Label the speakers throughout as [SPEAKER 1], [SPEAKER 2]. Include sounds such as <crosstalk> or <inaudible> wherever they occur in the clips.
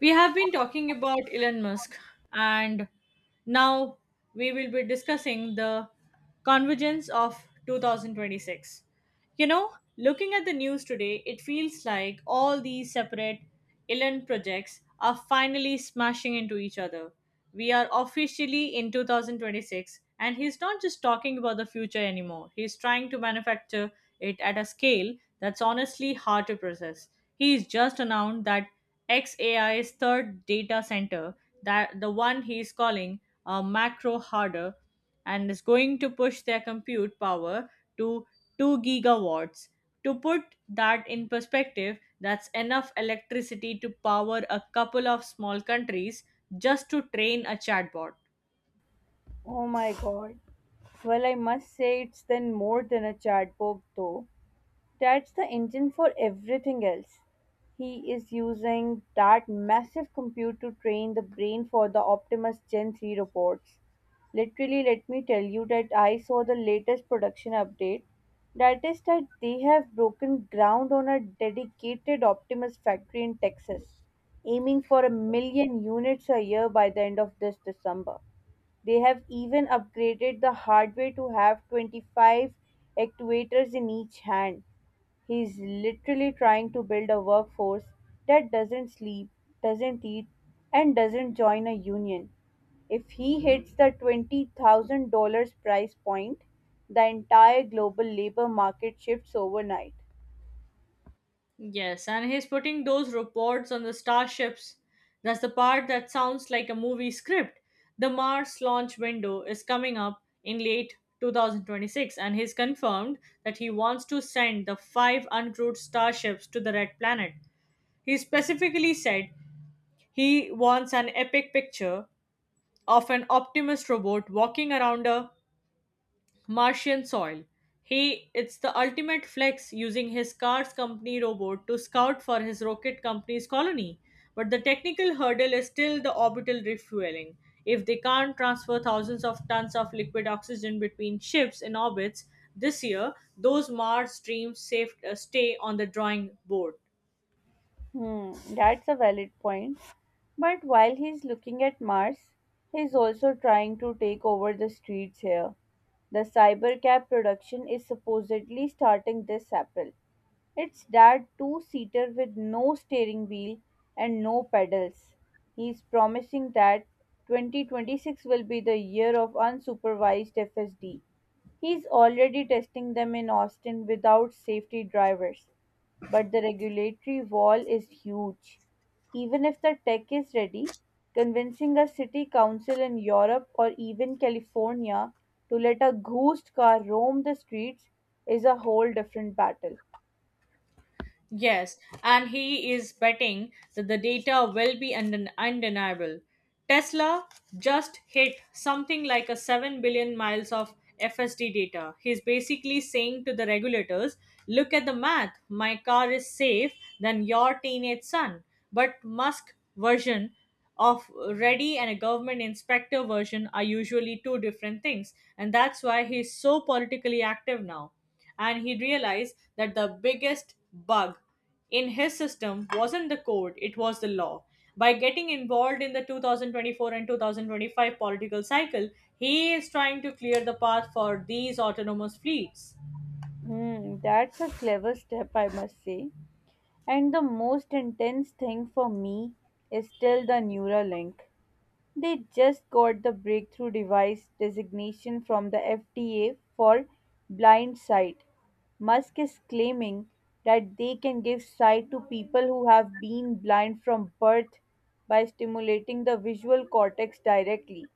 [SPEAKER 1] We have been talking about Elon Musk, and now we will be discussing the convergence of 2026. You know, looking at the news today, it feels like all these separate Elon projects are finally smashing into each other. We are officially in 2026, and he's not just talking about the future anymore, he's trying to manufacture it at a scale that's honestly hard to process. He's just announced that XAI's third data center, that the one he's calling a macro harder, and is going to push their compute power to 2 gigawatts. To put that in perspective, that's enough electricity to power a couple of small countries just to train a chatbot.
[SPEAKER 2] Oh my god. Well, I must say it's then more than a chatbot, though. That's the engine for everything else. He is using that massive compute to train the brain for the Optimus Gen 3 robots. Literally, let me tell you that I saw the latest production update. That is, that they have broken ground on a dedicated Optimus factory in Texas, aiming for a million units a year by the end of this December. They have even upgraded the hardware to have 25 actuators in each hand. He's literally trying to build a workforce that doesn't sleep, doesn't eat, and doesn't join a union. If he hits the $20,000 price point, the entire global labor market shifts overnight.
[SPEAKER 1] Yes, and he's putting those reports on the starships. That's the part that sounds like a movie script. The Mars launch window is coming up in late 2026, and he's confirmed that he wants to send the five uncrewed starships to the Red Planet. He specifically said he wants an epic picture of an Optimus robot walking around a Martian soil. He it's the ultimate flex using his car's company robot to scout for his rocket company's colony. But the technical hurdle is still the orbital refueling. If they can't transfer thousands of tons of liquid oxygen between ships in orbits this year, those Mars dreams safe, stay on the drawing board.
[SPEAKER 2] Hmm, that's a valid point. But while he's looking at Mars, he's also trying to take over the streets here. The cybercab production is supposedly starting this April. It's that two seater with no steering wheel and no pedals. He's promising that 2026 will be the year of unsupervised FSD. He's already testing them in Austin without safety drivers, but the regulatory wall is huge. Even if the tech is ready, convincing a city council in Europe or even California to let a ghost car roam the streets is a whole different battle.
[SPEAKER 1] Yes, and he is betting that the data will be undeniable. Tesla just hit something like a 7 billion miles of FSD data. He's basically saying to the regulators, look at the math. My car is safe than your teenage son. But Musk version of ready and a government inspector version are usually two different things. And that's why he's so politically active now and he realized that the biggest bug in his system wasn't the code, it was the law. By getting involved in the 2024 and 2025 political cycle, he is trying to clear the path for these autonomous fleets.
[SPEAKER 2] Hmm, that's a clever step, I must say. And the most intense thing for me is still the Neuralink. They just got the breakthrough device designation from the FDA for blind sight. Musk is claiming that they can give sight to people who have been blind from birth by stimulating the visual cortex directly.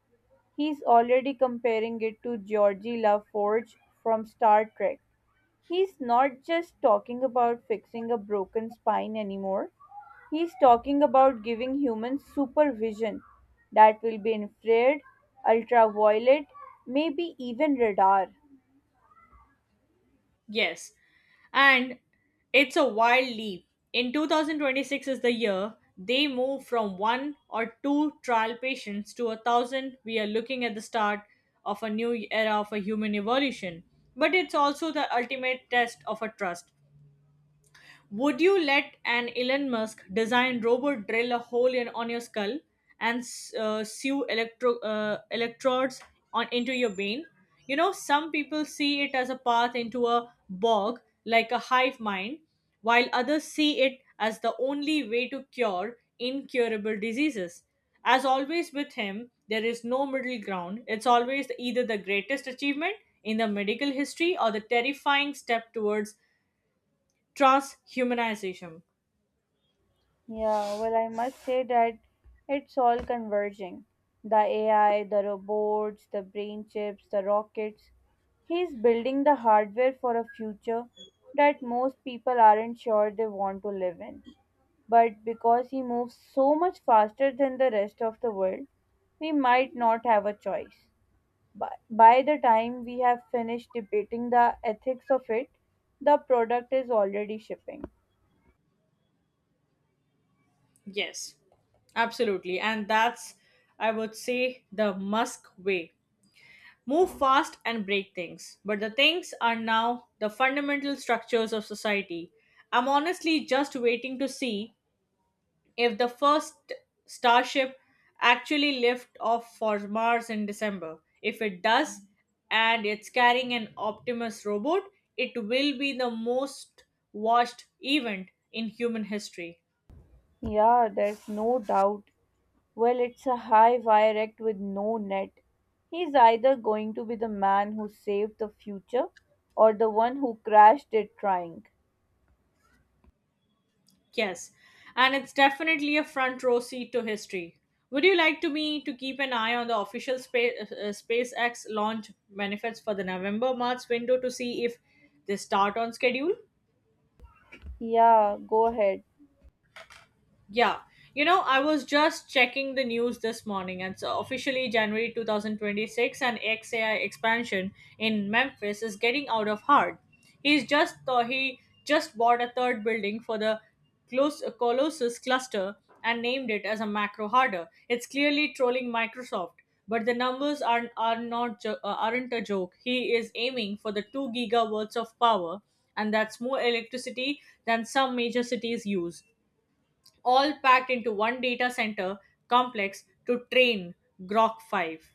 [SPEAKER 2] He's already comparing it to Georgie LaForge from Star Trek. He's not just talking about fixing a broken spine anymore. He's talking about giving humans supervision that will be infrared, ultraviolet, maybe even radar.
[SPEAKER 1] Yes, and it's a wild leap. In 2026 is the year they move from one or two trial patients to a thousand. We are looking at the start of a new era of a human evolution, but it's also the ultimate test of a trust. Would you let an Elon Musk design robot drill a hole in on your skull and sew electrodes on into your vein? You know, some people see it as a path into a bog, like a hive mind, while others see it as the only way to cure incurable diseases. As always with him, there is no middle ground. It's always either the greatest achievement in the medical history or the terrifying step towards transhumanization.
[SPEAKER 2] Yeah, well, I must say that it's all converging. The AI, the robots, the brain chips, the rockets. He's building the hardware for a future that most people aren't sure they want to live in. But because he moves so much faster than the rest of the world, we might not have a choice. By the time we have finished debating the ethics of it, the product is already shipping.
[SPEAKER 1] Yes, absolutely. And that's, I would say, the Musk way. Move fast and break things. But the things are now the fundamental structures of society. I'm honestly just waiting to see if the first Starship actually lifts off for Mars in December. If it does, and it's carrying an Optimus robot, it will be the most watched event in human history.
[SPEAKER 2] Yeah, there's no doubt. Well, it's a high wire act with no net. He's either going to be the man who saved the future or the one who crashed it trying.
[SPEAKER 1] Yes, and it's definitely a front row seat to history. Would you like to me to keep an eye on the official SpaceX launch benefits for the November March window to see if they start on schedule?
[SPEAKER 2] Yeah, go ahead.
[SPEAKER 1] Yeah. You know, I was just checking the news this morning, and so officially January 2026 and XAI expansion in Memphis is getting out of hand. He just bought a third building for the Colossus cluster and named it as a macro harder. It's clearly trolling Microsoft, but the numbers are not jo- aren't a joke. He is aiming for the two gigawatts of power, and that's more electricity than some major cities use all packed into one data center complex to train Grok 5.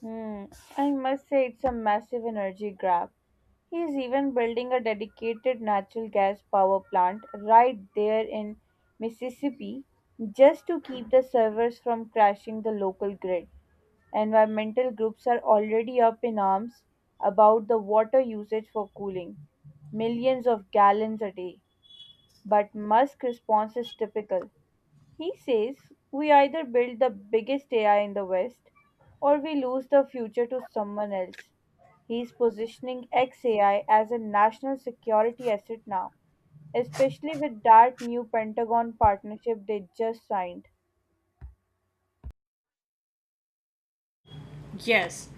[SPEAKER 2] Hmm, I must say it's a massive energy grab. He is even building a dedicated natural gas power plant right there in Mississippi just to keep the servers from crashing the local grid. Environmental groups are already up in arms about the water usage for cooling, millions of gallons a day. But Musk's response is typical. He says we either build the biggest AI in the West or we lose the future to someone else. He's positioning XAI as a national security asset now, especially with that new Pentagon partnership they just signed.
[SPEAKER 1] Yes,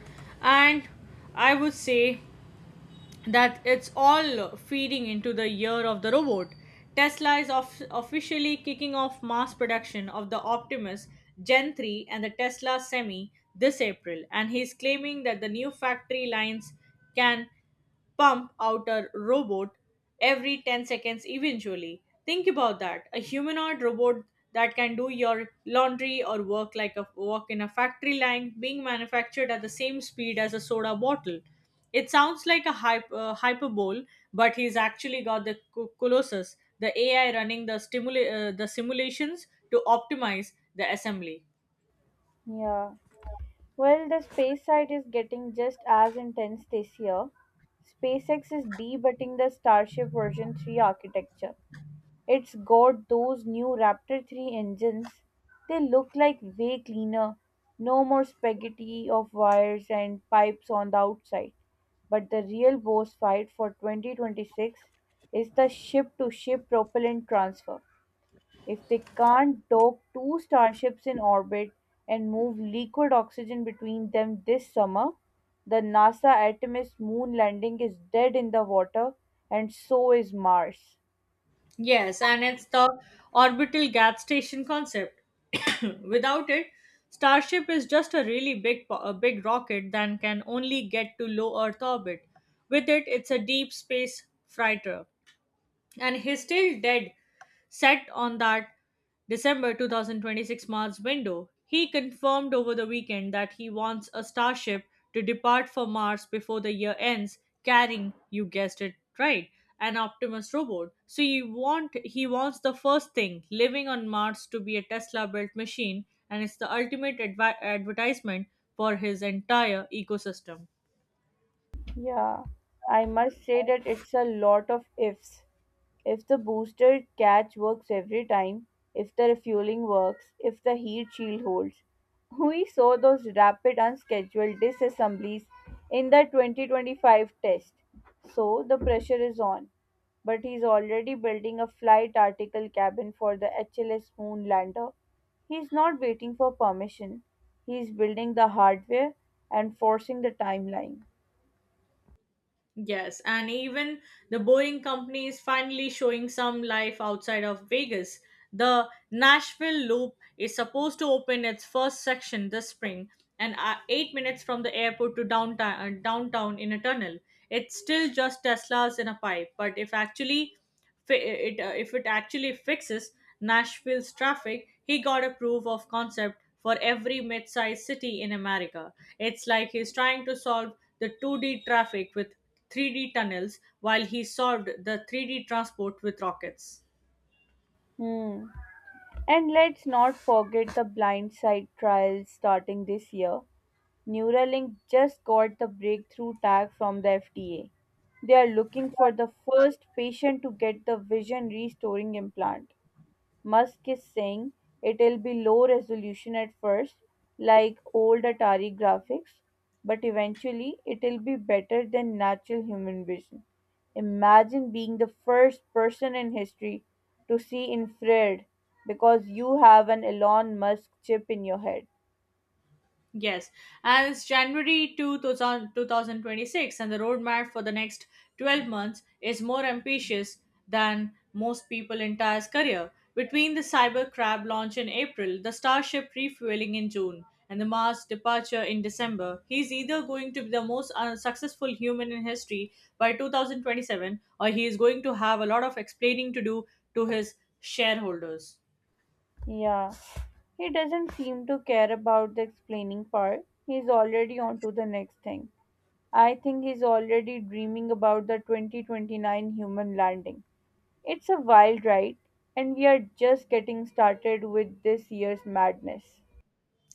[SPEAKER 1] and I would say that it's all feeding into the year of the robot. Tesla is off officially kicking off mass production of the Optimus Gen 3 and the Tesla Semi this April, and he's claiming that the new factory lines can pump out a robot every 10 seconds eventually. Think about that. A humanoid robot that can do your laundry or work like a work in a factory line being manufactured at the same speed as a soda bottle. It sounds like a hyperbole, but he's actually got the Colossus, the AI running the the simulations to optimize the assembly.
[SPEAKER 2] Yeah. Well, the space side is getting just as intense this year. SpaceX is debutting the Starship version 3 architecture. It's got those new Raptor 3 engines. They look like way cleaner. No more spaghetti of wires and pipes on the outside. But the real boss fight for 2026 is the ship to ship propellant transfer. If they can't dock two starships in orbit and move liquid oxygen between them this summer, the NASA Artemis moon landing is dead in the water, and so is Mars.
[SPEAKER 1] Yes, and it's the orbital gas station concept. <coughs> Without it, Starship is just a really a big rocket that can only get to low Earth orbit. With it, it's a deep space freighter and he's still dead set on that December 2026 Mars window. He confirmed over the weekend that he wants a starship to depart for Mars before the year ends, carrying, you guessed it right, an Optimus robot. So you want he wants the first thing living on Mars to be a Tesla-built machine, and it's the ultimate advertisement for his entire ecosystem.
[SPEAKER 2] Yeah, I must say that it's a lot of ifs. If the booster catch works every time, if the refueling works, if the heat shield holds. We saw those rapid unscheduled disassemblies in the 2025 test. So the pressure is on. But he's already building a flight article cabin for the HLS moon lander. He's not waiting for permission. He's building the hardware and forcing the timeline.
[SPEAKER 1] Yes, and even the Boeing company is finally showing some life outside of Vegas. The Nashville Loop is supposed to open its first section this spring and are 8 minutes from the airport to downtown in a tunnel. It's still just Teslas in a pipe, but if it actually fixes Nashville's traffic, he got a proof of concept for every mid sized city in America. It's like he's trying to solve the 2D traffic with 3D tunnels while he solved the 3D transport with rockets.
[SPEAKER 2] Hmm. And let's not forget the Blindside trials starting this year. Neuralink just got the breakthrough tag from the FDA. They are looking for the first patient to get the vision restoring implant. Musk is saying it'll be low resolution at first, like old Atari graphics, but eventually it'll be better than natural human vision. Imagine being the first person in history to see infrared because you have an Elon Musk chip in your head.
[SPEAKER 1] Yes, and it's January two thousand 20 six, and the roadmap for the next 12 months is more ambitious than most people in Tyre's career. Between the Cyber Crab launch in April, the Starship refueling in June, and the Mars departure in December, he's either going to be the most unsuccessful human in history by 2027 or he is going to have a lot of explaining to do to his shareholders.
[SPEAKER 2] Yeah. He doesn't seem to care about the explaining part. He's already on to the next thing. I think he's already dreaming about the 2029 human landing. It's a wild ride, and we are just getting started with this year's madness.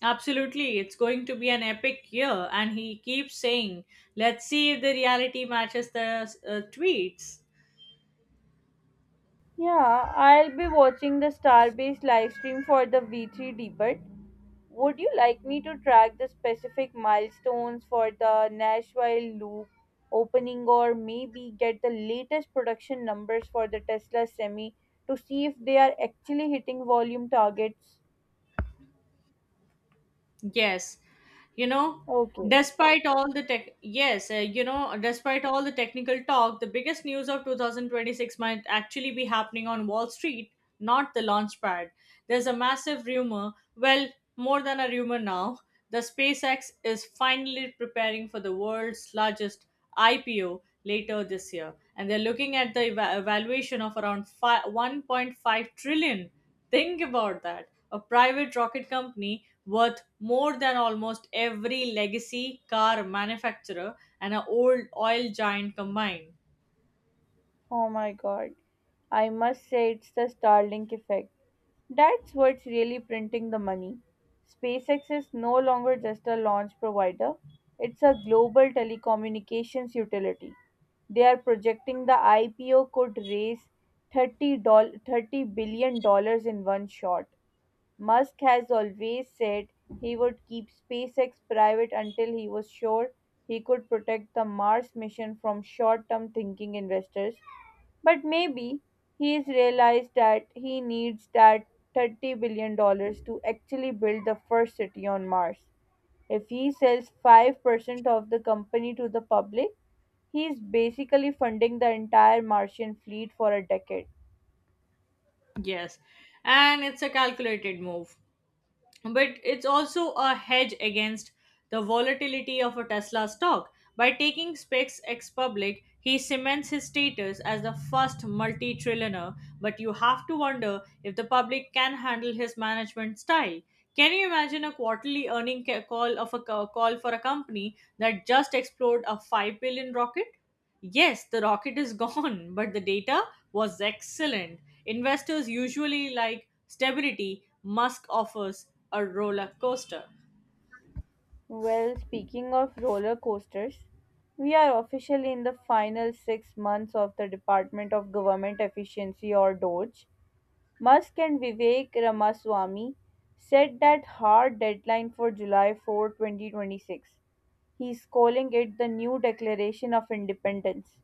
[SPEAKER 1] Absolutely, it's going to be an epic year, and he keeps saying, "Let's see if the reality matches the tweets."
[SPEAKER 2] Yeah, I'll be watching the Starbase livestream for the V3 debate. Would you like me to track the specific milestones for the Nashville Loop opening or maybe get the latest production numbers for the Tesla Semi to see if they are actually hitting volume targets?
[SPEAKER 1] Yes, you know,
[SPEAKER 2] Okay.
[SPEAKER 1] despite all the tech, yes, You know, despite all the technical talk, the biggest news of 2026 might actually be happening on Wall Street, not the launch pad. There's a massive rumor, well, more than a rumor now, the SpaceX is finally preparing for the world's largest IPO later this year, and they're looking at the valuation of around 1.5 trillion. Think about that. A private rocket company worth more than almost every legacy car manufacturer and an old oil giant combined.
[SPEAKER 2] Oh my god. I must say it's the Starlink effect. That's what's really printing the money. SpaceX is no longer just a launch provider, it's a global telecommunications utility. They are projecting the IPO could raise $30 billion dollars in one shot. Musk has always said he would keep SpaceX private until he was sure he could protect the Mars mission from short term thinking investors. But maybe he's realized that he needs that $30 billion dollars to actually build the first city on Mars. If he sells 5% of the company to the public, he's basically funding the entire Martian fleet for a decade.
[SPEAKER 1] Yes, and it's a calculated move, but it's also a hedge against the volatility of a Tesla stock. By taking SpaceX public, he cements his status as the first multi trillionaire, but you have to wonder if the public can handle his management style. Can you imagine a quarterly call of a call for a company that just explored a 5 billion rocket? Yes, the rocket is gone, <laughs> but the data was excellent. Investors usually like stability. Musk offers a roller coaster.
[SPEAKER 2] Well, speaking of roller coasters, we are officially in the final 6 months of the Department of Government Efficiency or DOGE. Musk and Vivek Ramaswamy set that hard deadline for July 4, 2026. He's calling it the new Declaration of Independence.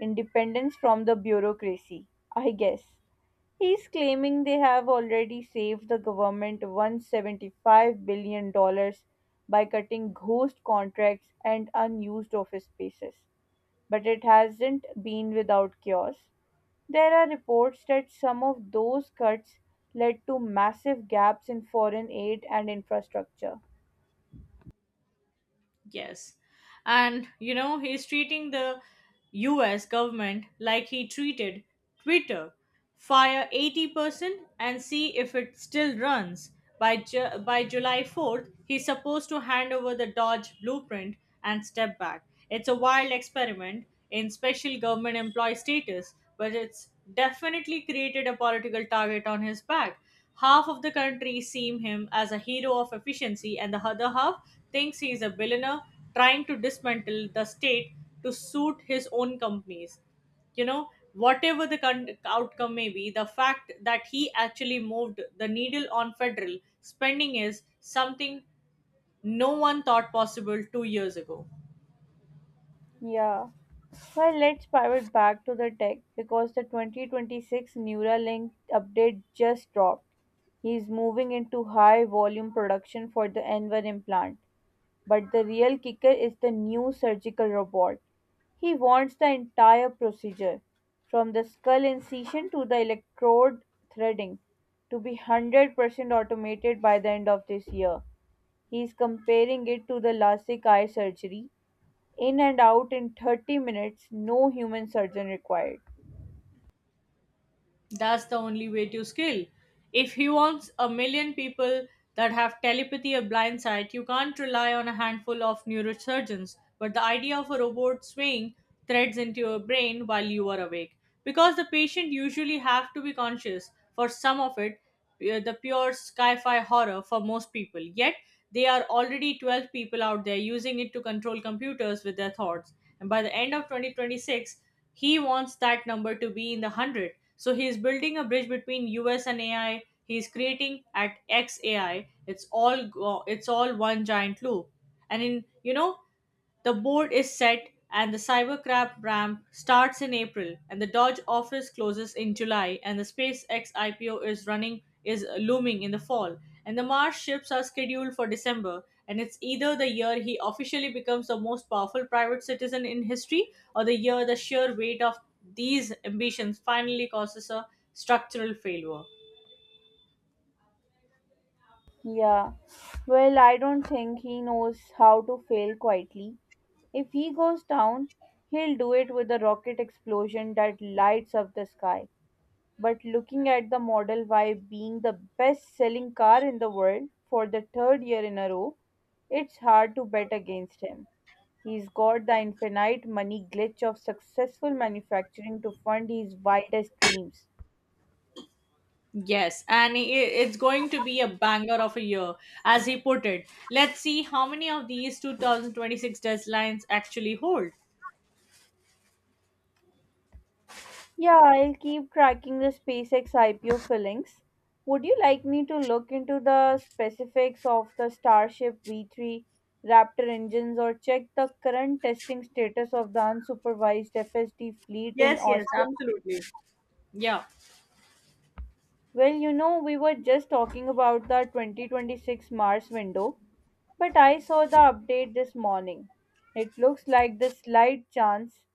[SPEAKER 2] Independence from the bureaucracy, I guess. He's claiming they have already saved the government $175 billion dollars by cutting ghost contracts and unused office spaces. But it hasn't been without chaos. There are reports that some of those cuts led to massive gaps in foreign aid and infrastructure.
[SPEAKER 1] Yes. And you know, he's treating the US government like he treated Twitter. Fire 80% and see if it still runs. By July 4th, he's supposed to hand over the Dodge blueprint and step back. It's a wild experiment in special government employee status, but it's definitely created a political target on his back. Half of the country seem him as a hero of efficiency, and the other half thinks he is a billionaire trying to dismantle the state to suit his own companies. You know, whatever the outcome may be, the fact that he actually moved the needle on federal spending is something no one thought possible 2 years ago.
[SPEAKER 2] Yeah. Well, let's pivot back to the tech because the 2026 Neuralink update just dropped. He's moving into high volume production for the Enver implant. But the real kicker is the new surgical robot. He wants the entire procedure, from the skull incision to the electrode threading, to be 100% automated by the end of this year. He is comparing it to the LASIK eye surgery, in and out in 30 minutes, no human surgeon required.
[SPEAKER 1] That's the only way to scale. If he wants a million people that have telepathy or blind sight, you can't rely on a handful of neurosurgeons. But the idea of a robot swaying threads into your brain while you are awake. Because the patient usually have to be conscious for some of it, the pure sci-fi horror for most people. Yet they are already 12 people out there using it to control computers with their thoughts. And by the end of 2026, he wants that number to be in the 100. So he is building a bridge between US and AI. He is creating at XAI. It's it's all one giant loop. And in you know the board is set, and the Cybercrab ramp starts in April, and the Dodge office closes in July, and the SpaceX IPO is looming in the fall, and the Mars ships are scheduled for December. And it's either the year he officially becomes the most powerful private citizen in history, or the year the sheer weight of these ambitions finally causes a structural failure.
[SPEAKER 2] Yeah, well, I don't think he knows how to fail quietly. If he goes down, he'll do it with a rocket explosion that lights up the sky. But looking at the Model Y being the best selling car in the world for the third year in a row, it's hard to bet against him. He's got the infinite money glitch of successful manufacturing to fund his wildest dreams.
[SPEAKER 1] Yes, and it's going to be a banger of a year, as he put it. Let's see how many of these 2026 deadlines actually hold.
[SPEAKER 2] Yeah, I'll keep tracking the SpaceX IPO fillings. Would you like me to look into the specifics of the Starship V3 Raptor engines or check the current testing status of the unsupervised FSD fleet in
[SPEAKER 1] Yes, yes,
[SPEAKER 2] Austin?
[SPEAKER 1] absolutely. Yeah,
[SPEAKER 2] Well, we were just talking about the 2026 Mars window, but I saw the update this morning. It looks like the slight chance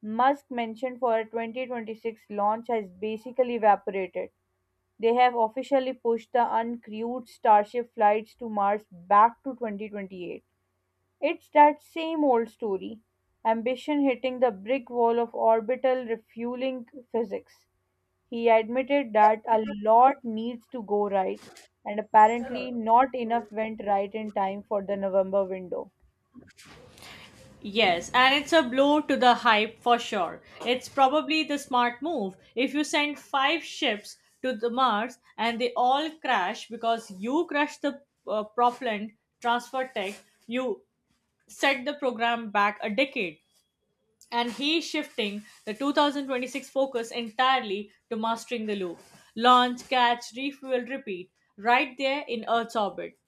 [SPEAKER 2] Musk mentioned for a 2026 launch has basically evaporated. They have officially pushed the uncrewed Starship flights to Mars back to 2028. It's that same old story ambition hitting the brick wall of orbital refueling physics. He admitted that a lot needs to go right, and apparently, not enough went right in time for the November window.
[SPEAKER 1] yes, and it's a blow to the hype for sure. It's probably the smart move. If you send five ships to the Mars and they all crash because you crushed the propellant transfer tech, you set the program back a decade. And he shifting the 2026 focus entirely to mastering the loop, launch, catch, refuel, repeat, right there in Earth's orbit.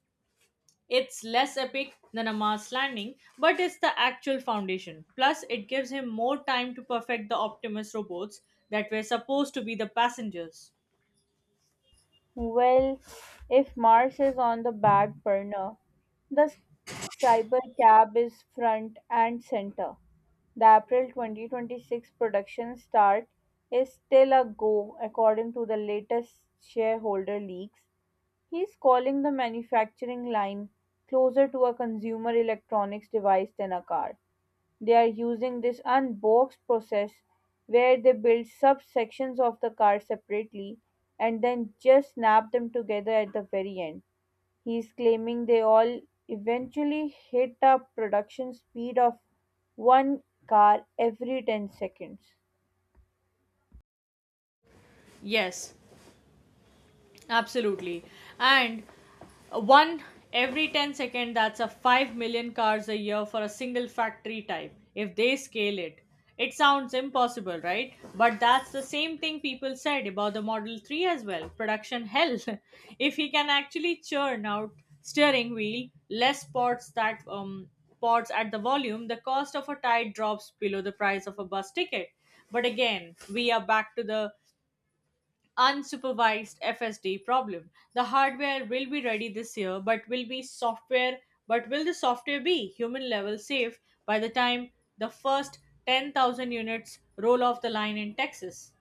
[SPEAKER 1] It's less epic than a Mars landing, but it's the actual foundation. Plus it gives him more time to perfect the Optimus robots that were supposed to be the passengers.
[SPEAKER 2] Well, if Mars is on the back burner, the cybercab is front and center. The April 2026 production start is still a go, according to the latest shareholder leaks. He's calling the manufacturing line closer to a consumer electronics device than a car. They are using this unboxed process where they build subsections of the car separately and then just snap them together at the very end. He is claiming they all eventually hit a production speed of one car every 10 seconds.
[SPEAKER 1] Yes, absolutely. And one every 10 second. That's a 5 million cars a year for a single factory type, if they scale it. It sounds impossible, right? But that's the same thing people said about the Model 3 as well. Production hell. <laughs> If he can actually churn out steering wheel, less pots that pots at the volume, the cost of a tire drops below the price of a bus ticket. But again, we are back to the unsupervised FSD problem. The hardware will be ready this year, but will the software be human level safe by the time the first 10,000 units roll off the line in Texas?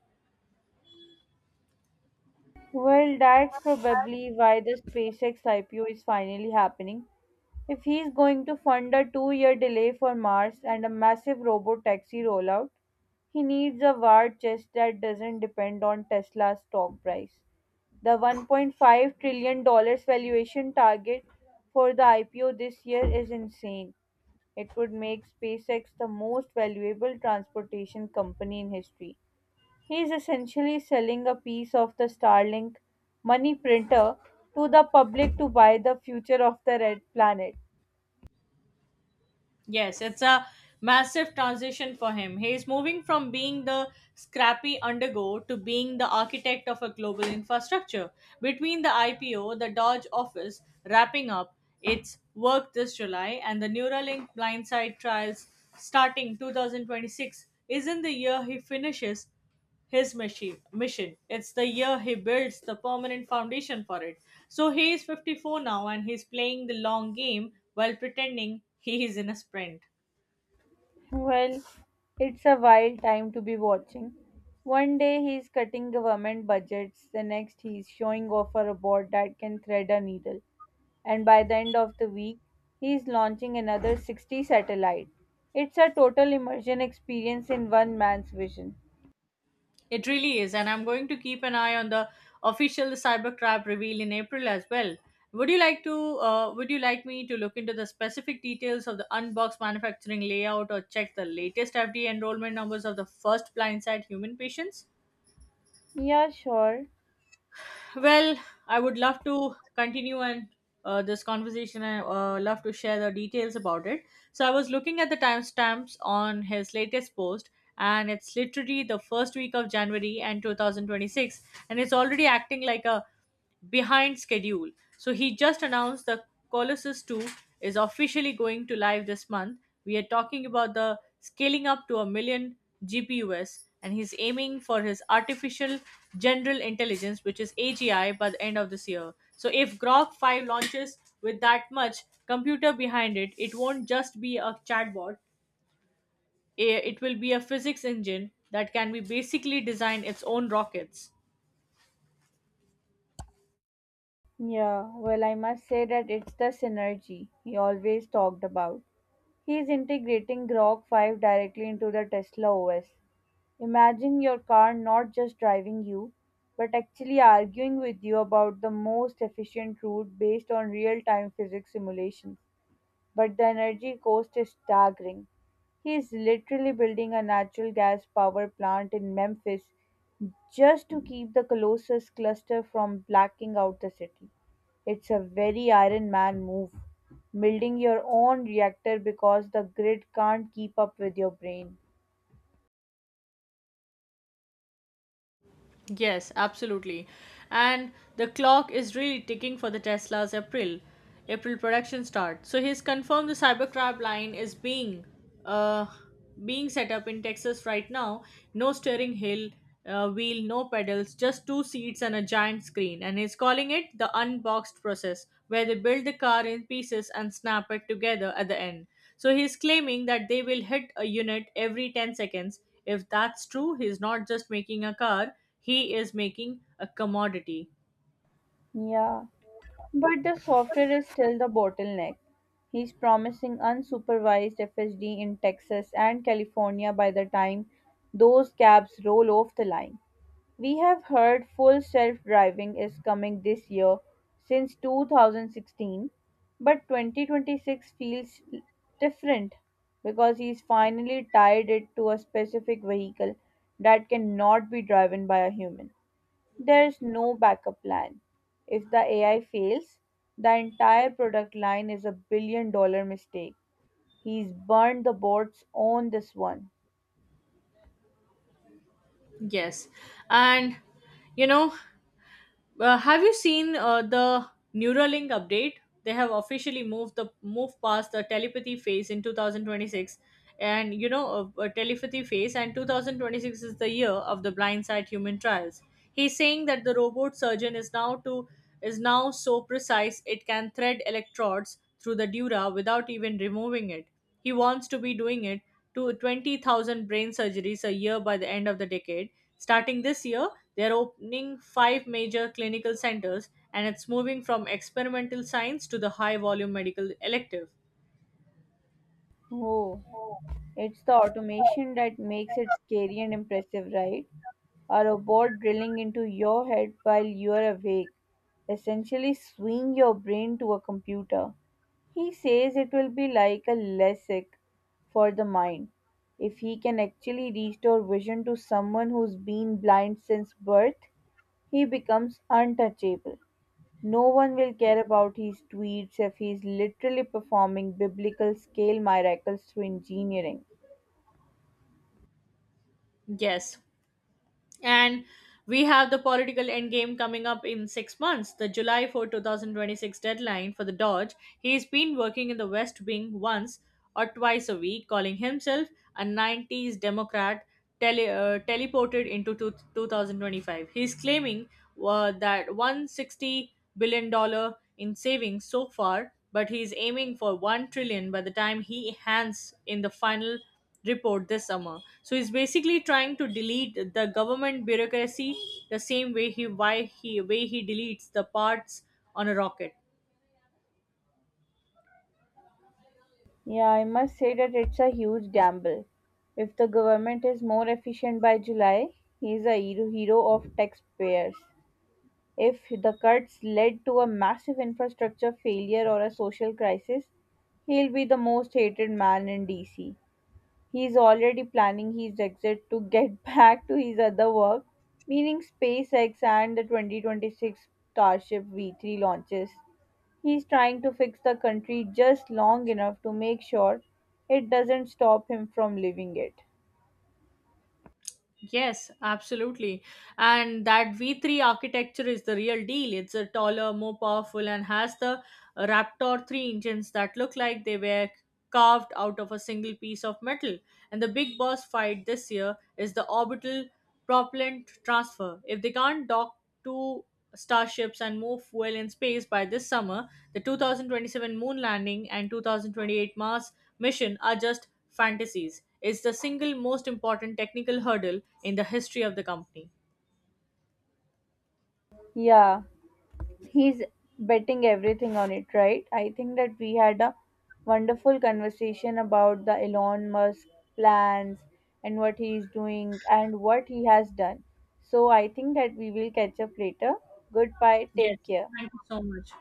[SPEAKER 2] Well, that's probably why the SpaceX IPO is finally happening. If he's going to fund a 2 year delay for Mars and a massive robot taxi rollout, he needs a war chest that doesn't depend on Tesla's stock price. The $1.5 trillion valuation target for the IPO this year is insane. It would make SpaceX the most valuable transportation company in history. He is essentially selling a piece of the Starlink money printer to the public to buy the future of the red planet.
[SPEAKER 1] Yes, it's a massive transition for him. He is moving from being the scrappy undergo to being the architect of a global infrastructure. Between the IPO, the Dodge office wrapping up its work this July, and the Neuralink blindside trials starting 2026, isn't the year he finishes his machine, mission. It's the year he builds the permanent foundation for it. So he is 54 now, and he's playing the long game while pretending he is in a sprint.
[SPEAKER 2] Well, it's a wild time to be watching. One day he's cutting government budgets, the next he's showing off a robot that can thread a needle. And by the end of the week, he's launching another 60 satellite. It's a total immersion experience in one man's vision.
[SPEAKER 1] It really is, and I'm going to keep an eye on the official Cybercrab reveal in April as well. Would you like to? Would you like me to look into the specific details of the unboxed manufacturing layout, or check the latest FDA enrollment numbers of the first blindside human patients?
[SPEAKER 2] Yeah, sure.
[SPEAKER 1] Well, I would love to continue and this conversation. I love to share the details about it. So I was looking at the timestamps on his latest post, and it's literally the first week of January and 2026, and it's already acting like a behind schedule. So he just announced the Colossus 2 is officially going to live this month. We are talking about the scaling up to a million GPUs, and he's aiming for his artificial general intelligence, which is AGI, by the end of this year. So if Grok 5 launches with that much computer behind it, it won't just be a chatbot, it will be a physics engine that can be basically design its own rockets.
[SPEAKER 2] Yeah, well, I must say that it's the synergy he always talked about. He is integrating Grok 5 directly into the Tesla OS. Imagine your car not just driving you, but actually arguing with you about the most efficient route based on real time physics simulations. But the energy cost is staggering. He is literally building a natural gas power plant in Memphis just to keep the Colossus cluster from blacking out the city. It's a very Iron Man move, building your own reactor because the grid can't keep up with your brain.
[SPEAKER 1] Yes, absolutely. And the clock is really ticking for the Tesla's April production start. So he's confirmed the Cybercab line is uh being set up in Texas right now. No steering hill, wheel, no pedals, just two seats and a giant screen. And he's calling it the unboxed process, where they build the car in pieces and snap it together at the end. So he's claiming that they will hit a unit every 10 seconds. If that's true, he's not just making a car, he is making a commodity.
[SPEAKER 2] Yeah, but the software is still the bottleneck. He's promising unsupervised FSD in Texas and California by the time those cabs roll off the line. We have heard full self-driving is coming this year since 2016, but 2026 feels different because he's finally tied it to a specific vehicle that cannot be driven by a human. There's no backup plan. If the AI fails, the entire product line is a billion dollar mistake. He's burned the boats on this one.
[SPEAKER 1] Yes, and you know have you seen the Neuralink update? They have officially move past the telepathy phase in 2026. And you know telepathy phase and 2026 is the year of the blindside human trials. He's saying that the robot surgeon is now so precise it can thread electrodes through the dura without even removing it. He wants to be doing it to 20,000 brain surgeries a year by the end of the decade. Starting this year, they are opening five major clinical centers, and it's moving from experimental science to the high volume medical elective.
[SPEAKER 2] Oh. It's the automation that makes it scary and impressive, right? A robot drilling into your head while you're awake, essentially swing your brain to a computer. He says it will be like a LASIK for the mind. If he can actually restore vision to someone who's been blind since birth, he becomes untouchable. No one will care about his tweets if he's literally performing biblical scale miracles through engineering.
[SPEAKER 1] Yes, and we have the political endgame coming up in 6 months, the July 4, 2026 deadline for the Dodge. He's been working in the West Wing once or twice a week, calling himself a 90s Democrat teleported into 2025. He's claiming that $160 billion dollar in savings so far, but he's aiming for $1 trillion by the time he hands in the final report this summer. So he's basically trying to delete the government bureaucracy the same way he why he way he deletes the parts on a rocket.
[SPEAKER 2] Yeah, I must say that it's a huge gamble. If the government is more efficient by July, he is a hero of taxpayers. If the cuts led to a massive infrastructure failure or a social crisis, he'll be the most hated man in DC. He's already planning his exit to get <laughs> back to his other work, meaning SpaceX and the 2026 Starship V3 launches. He's trying to fix the country just long enough to make sure it doesn't stop him from leaving it.
[SPEAKER 1] Yes, absolutely. And that V3 architecture is the real deal. It's a taller, more powerful, and has the Raptor 3 engines that look like they were carved out of a single piece of metal. And the big boss fight this year is the orbital propellant transfer. If they can't dock two starships and move fuel in space by this summer, the 2027 moon landing and 2028 Mars mission are just fantasies. It's the single most important technical hurdle in the history of the company.
[SPEAKER 2] Yeah, he's betting everything on it, right? I think that we had a wonderful conversation about the Elon Musk plans and what he is doing and what he has done. So I think that we will catch up later. Goodbye,
[SPEAKER 1] Yes,
[SPEAKER 2] take care.
[SPEAKER 1] thank you so much.